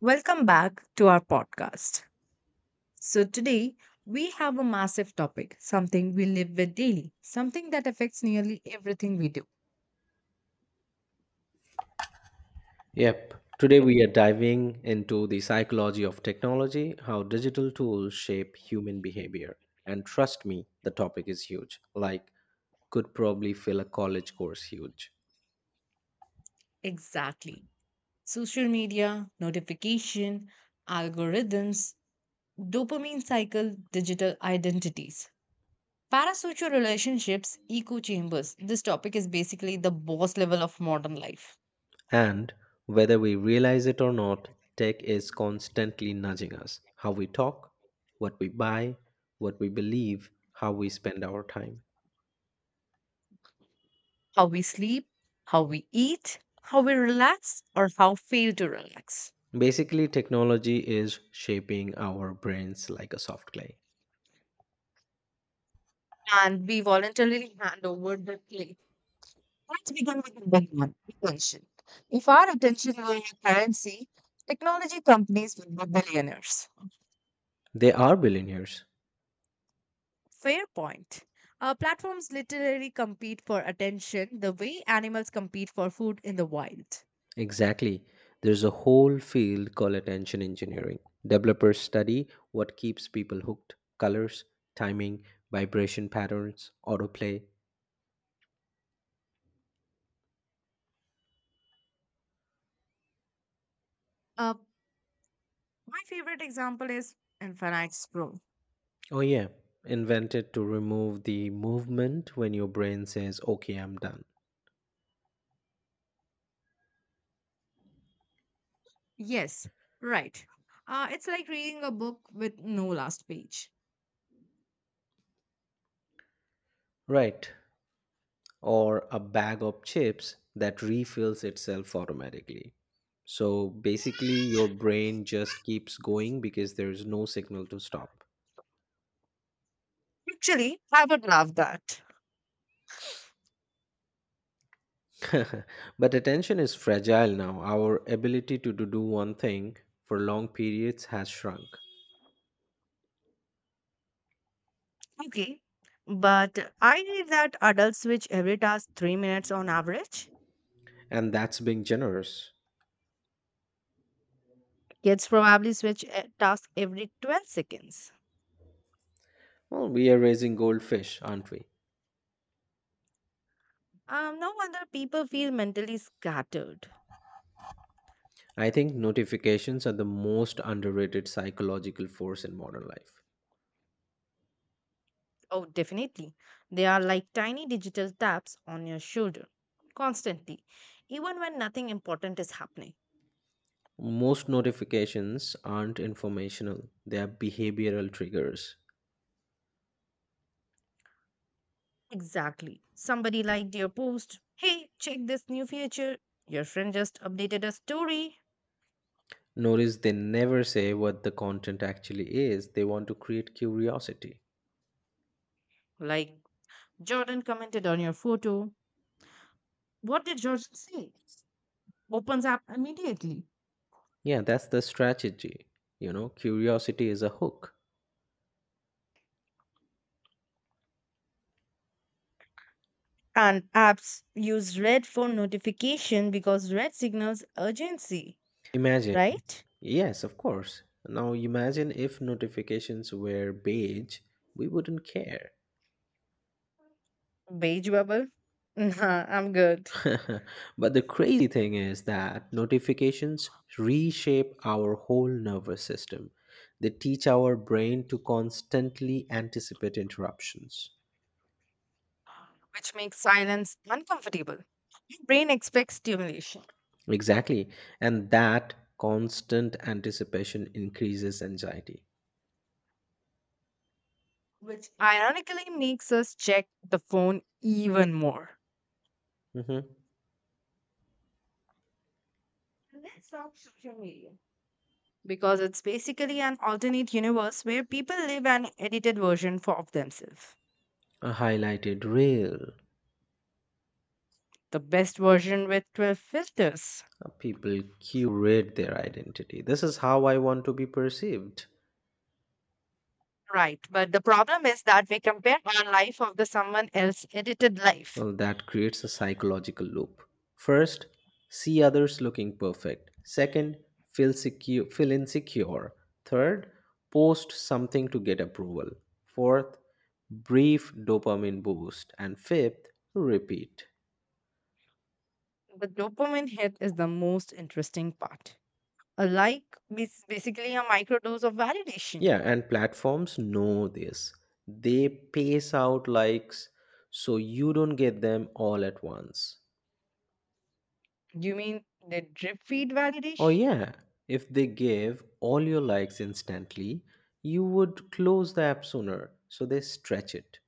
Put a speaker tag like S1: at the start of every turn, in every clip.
S1: Welcome back to our podcast. So, today we have a massive topic, something we live with daily, something that affects nearly everything we do.
S2: Yep. Today
S1: Yeah.
S2: we are diving into the psychology of technology, how digital tools shape human behavior. And trust me, the topic is huge. Like, could probably fill a college course huge.
S1: Exactly. Social media, notification, algorithms, dopamine cycle, digital identities, parasocial relationships, echo chambers. This topic is basically the boss level of modern life.
S2: And whether we realize it or not, tech is constantly nudging us how we talk, what we buy, what we believe, how we spend our time.
S1: How we sleep, how we eat, how we relax, or how fail to relax.
S2: Basically, technology is shaping our brains like a soft clay.
S1: And we voluntarily hand over the clay. Let's begin with number one, attention. If our attention were a currency, technology companies would be billionaires.
S2: They are billionaires.
S1: Fair point. Platforms literally compete for attention the way animals compete for food in the wild.
S2: Exactly. There's a whole field called attention engineering. Developers study what keeps people hooked colors, timing, vibration patterns, autoplay.
S1: Uh, my favorite example is Infinite Scroll.
S2: Oh, yeah, invented to remove the movement when your brain says, okay, I'm done.
S1: Yes, right. It's like reading a book with no last page.
S2: Right. Or a bag of chips that refills itself automatically. So basically, your brain just keeps going because there is no signal to stop.
S1: Actually, I would love that.
S2: But attention is fragile now. Our ability to do one thing for long periods has shrunk.
S1: Okay. But I read that adults switch every task 3 minutes on average.
S2: And that's being generous.
S1: Kids probably switch a task every 12 seconds.
S2: Well, we are raising goldfish, aren't we?
S1: No wonder people feel mentally scattered.
S2: I think notifications are the most underrated psychological force in modern life.
S1: Oh, definitely. They are like tiny digital taps on your shoulder, constantly, even when nothing important is happening.
S2: Most notifications aren't informational, they are behavioral triggers.
S1: Exactly. Somebody liked your post. Hey, check this new feature. Your friend just updated a story.
S2: Notice they never say what the content actually is, they want to create curiosity.
S1: Like, Jordan commented on your photo. What did Jordan say? Opens app immediately.
S2: Yeah, that's the strategy. You know, curiosity is a hook.
S1: And apps use red for notification because red signals urgency,
S2: Imagine,
S1: right?
S2: yes, of course. Now imagine if notifications were beige, we wouldn't care.
S1: Beige bubble? Nah, I'm good.
S2: But the crazy thing is that notifications reshape our whole nervous system. They teach our brain to constantly anticipate interruptions.
S1: Which makes silence uncomfortable. Your brain expects stimulation,
S2: Exactly. And that constant anticipation increases anxiety.
S1: which ironically makes us check the phone even more.
S2: Mhm.
S1: Let's talk social media. Because it's basically an alternate universe where people live an edited version for of themselves.
S2: A highlighted reel.
S1: The best version with 12 filters.
S2: People curate their identity. This is how I want to be perceived.
S1: Right. But the problem is that we compare our life of the someone else edited life.
S2: Well, that creates a psychological loop. First, see others looking perfect. Second, feel secure, feel insecure. Third, post something to get approval. Fourth, brief dopamine boost. And fifth, repeat.
S1: The dopamine hit is the most interesting part. A like is basically a microdose of validation.
S2: Yeah, and platforms know this. They pace out likes so you don't get them all at once.
S1: You mean the drip feed
S2: Oh,
S1: validation?
S2: yeah. If they gave all your likes instantly, you would close the app sooner. So they stretch it.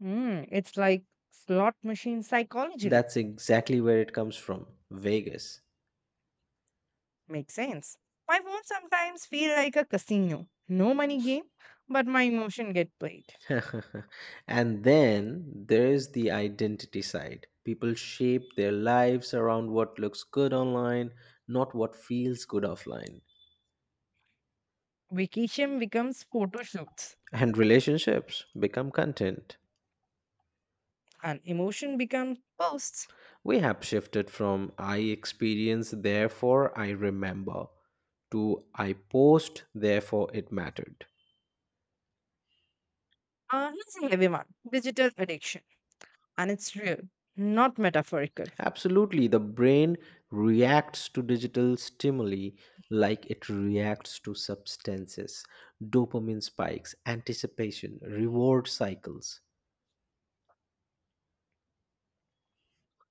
S1: Hmm. It's like slot machine psychology.
S2: That's exactly where it comes from Vegas.
S1: Makes sense. My phone sometimes feel like a casino. No money game, but my emotion get played.
S2: And then there's the identity side. People shape their lives around what looks good online, not what feels good offline.
S1: Vacation becomes photo shoots
S2: And relationships become content.
S1: and emotion becomes posts.
S2: We have shifted from I experience, therefore I remember, to I post, therefore it mattered.
S1: Here's a heavy one. Digital addiction. And it's real, not metaphorical.
S2: Absolutely, the brain reacts to digital stimuli like it reacts to substances, dopamine spikes, anticipation, reward cycles.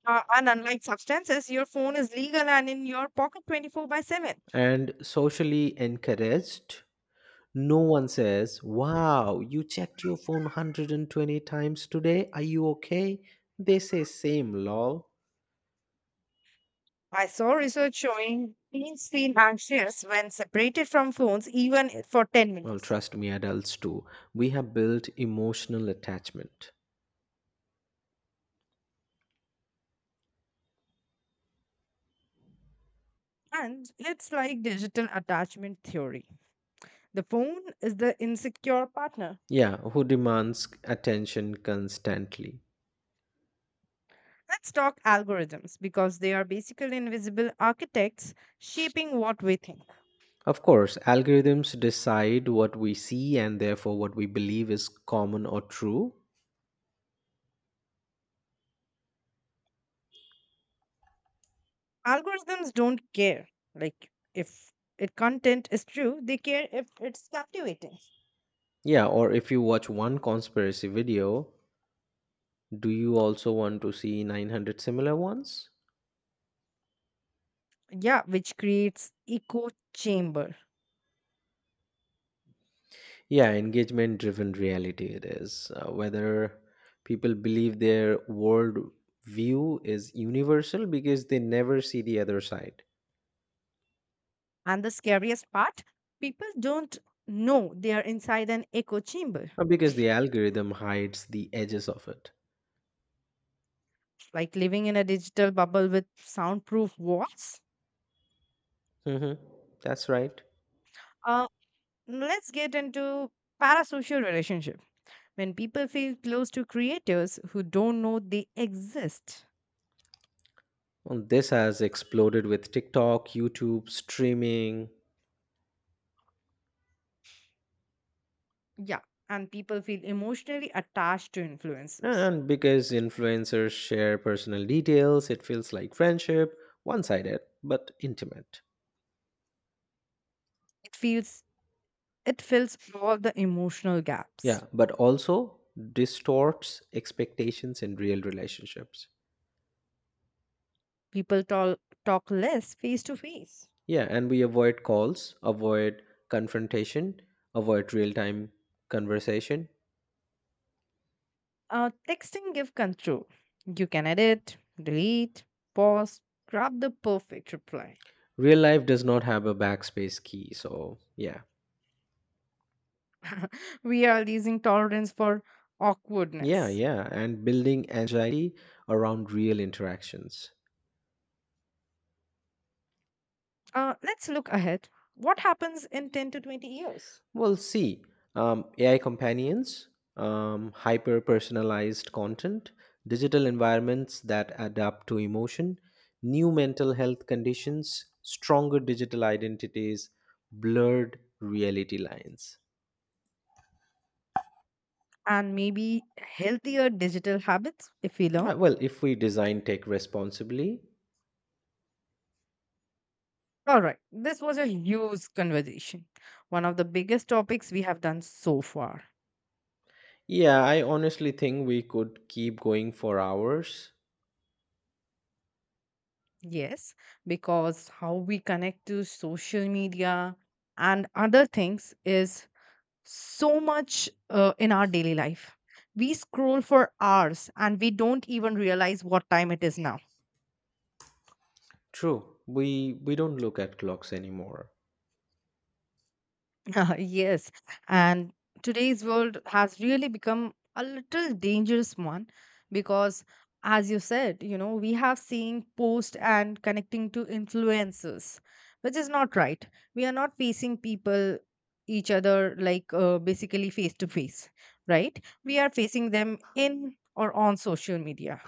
S1: And unlike substances, your phone is legal and in your pocket 24 by 7.
S2: And socially encouraged, no one says, wow, you checked your phone 120 times today. Are you okay? They say, same, lol.
S1: I saw research showing teens feel anxious when separated from phones, even for 10
S2: Well,
S1: minutes.
S2: trust me, adults too. We have built emotional attachment.
S1: And it's like digital attachment theory. The phone is the insecure partner.
S2: Yeah, who demands attention constantly.
S1: Let's talk algorithms because they are basically invisible architects shaping what we think.
S2: Of course, algorithms decide what we see and therefore what we believe is common or true.
S1: Algorithms don't care. Like, if it content is true, they care if it's captivating.
S2: Yeah, or if you watch one conspiracy video, do you also want to see 900 similar ones?
S1: Yeah, which creates echo chamber.
S2: Yeah, engagement driven reality it is. Whether people believe their world view is universal because they never see the other side.
S1: And the scariest part, people don't know they are inside an echo chamber,
S2: Because the algorithm hides the edges of it.
S1: like living in a digital bubble with soundproof walls.
S2: Hmm. That's right.
S1: Uh, let's get into parasocial relationship. When people feel close to creators who don't know they exist.
S2: And this has exploded with TikTok, YouTube, streaming.
S1: Yeah, and people feel emotionally attached to influencers.
S2: And because influencers share personal details, it feels like friendship, one sided, but intimate.
S1: It feels it fills all the emotional gaps.
S2: Yeah, but also distorts expectations in real relationships.
S1: People talk less face to face.
S2: Yeah, and we avoid calls, avoid confrontation, avoid real time conversation.
S1: Texting give control. You can edit, delete, pause, grab the perfect reply.
S2: Real life does not have a backspace key, so yeah,
S1: We are losing tolerance for
S2: yeah,
S1: awkwardness.
S2: yeah, and building anxiety around real interactions.
S1: Let's look ahead. What happens in 10 to 20 years?
S2: Well, see, AI companions, hyper personalized content, digital environments that adapt to emotion, new mental health conditions, stronger digital identities, blurred reality lines.
S1: And maybe healthier digital habits if we learn.
S2: Well, if we design tech responsibly.
S1: All right, this was a huge conversation. One of the biggest topics we have done so far.
S2: Yeah, I honestly think we could keep going for hours.
S1: Yes, because how we connect to social media and other things is so much in our daily life. We scroll for hours and we don't even realize what time it is now.
S2: True, we don't look at clocks anymore.
S1: Yes, and today's world has really become a little dangerous one because, as you said, we have seen post and connecting to influencers, which is not right. We are not facing people, each other, like basically face to face, right? We are facing them in or on social media.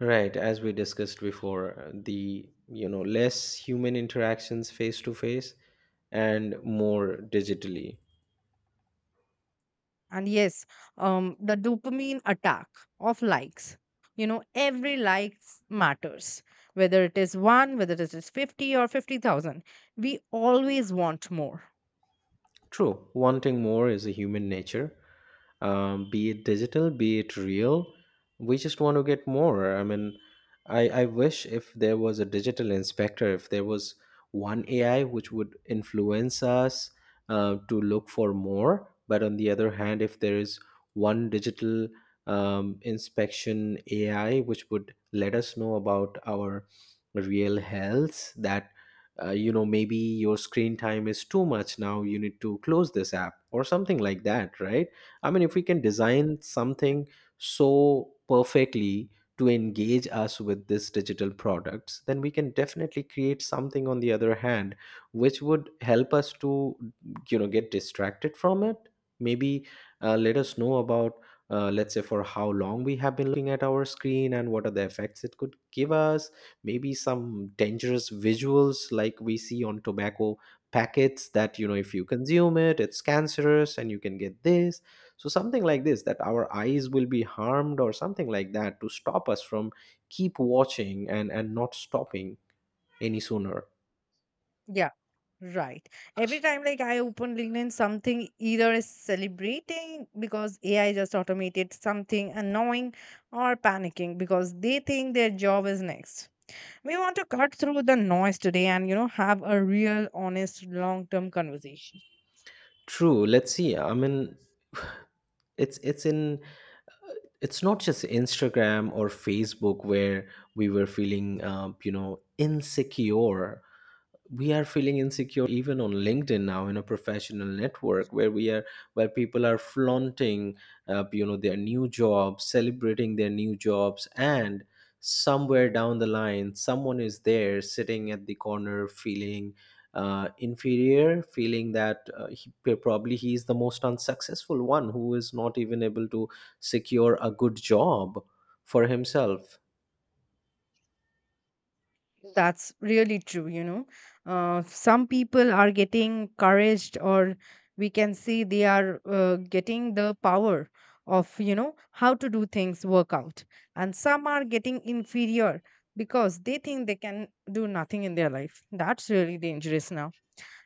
S2: Right, as we discussed before, the less human interactions face to face and more digitally.
S1: And yes, the dopamine attack of likes, every likes matters, whether it is one, whether it is 50 or 50,000. We always want more.
S2: True, wanting more is a human nature, be it digital, be it real. We just want to get more. I mean, I wish if there was a digital inspector, if there was one AI which would influence us to look for more. But on the other hand, if there is one digital inspection AI which would let us know about our real health, that you know, maybe your screen time is too much, now you need to close this app or something like that, right? I mean, if we can design something so perfectly to engage us with this digital products, then we can definitely create something on the other hand which would help us to, you know, get distracted from it. Maybe let us know about, let's say, for how long we have been looking at our screen and what are the effects it could give us. Maybe some dangerous visuals like we see on tobacco packets, that you know, if you consume it, it's cancerous and you can get this. So something like this, that our eyes will be harmed or something like that, to stop us from keep watching and not stopping any sooner.
S1: Yeah, right. Every time like I open LinkedIn, something either is celebrating because AI just automated something annoying, or panicking because they think their job is next. We want to cut through the noise today, and have a real, honest, long term conversation.
S2: True, let's see. I mean, it's it's in it's not just Instagram or Facebook where we were feeling, you know, insecure. We are feeling insecure even on LinkedIn now, in a professional network where we are where people are flaunting, you know, their new jobs, celebrating their new jobs, and somewhere down the line someone is there sitting at the corner feeling inferior, feeling that probably he is the most unsuccessful one, who is not even able to secure a good job for himself.
S1: That's really true. Some people are getting courage, or we can see they are getting the power of, how to do things work out. And some are getting inferior because they think they can do nothing in their life. That's really dangerous now.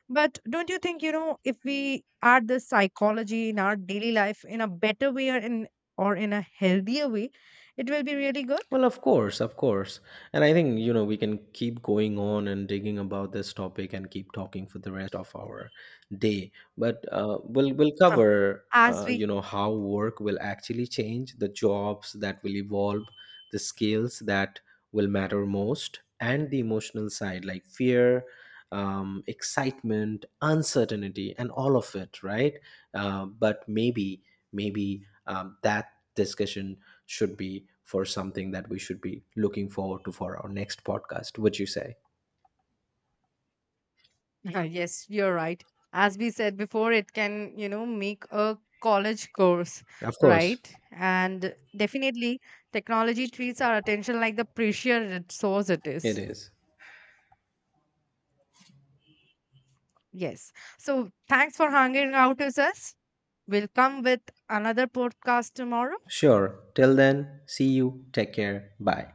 S1: But don't you think, if we add this psychology in our daily life in a better way or in a healthier way, it will be really good?
S2: Well, of course, of course. And I think, you know, we can keep going on and digging about this topic and keep talking for the rest of our day. But we'll
S1: Huh.
S2: cover,
S1: As
S2: you
S1: we,
S2: know, how work will actually change, the jobs that will evolve, the skills that will matter most, and the emotional side like fear, excitement, uncertainty, and all of it, right? But maybe that discussion should be for something that we should be looking forward to for our next podcast, would you say?
S1: yes, you're right. As we said before, it can, make a college course,
S2: Of course,
S1: right? And definitely, technology treats our attention like the precious resource it
S2: it
S1: is.
S2: is.
S1: Yes. So, thanks for hanging out with us. We'll come with another podcast tomorrow.
S2: Sure. Till then, see you. Take care. Bye.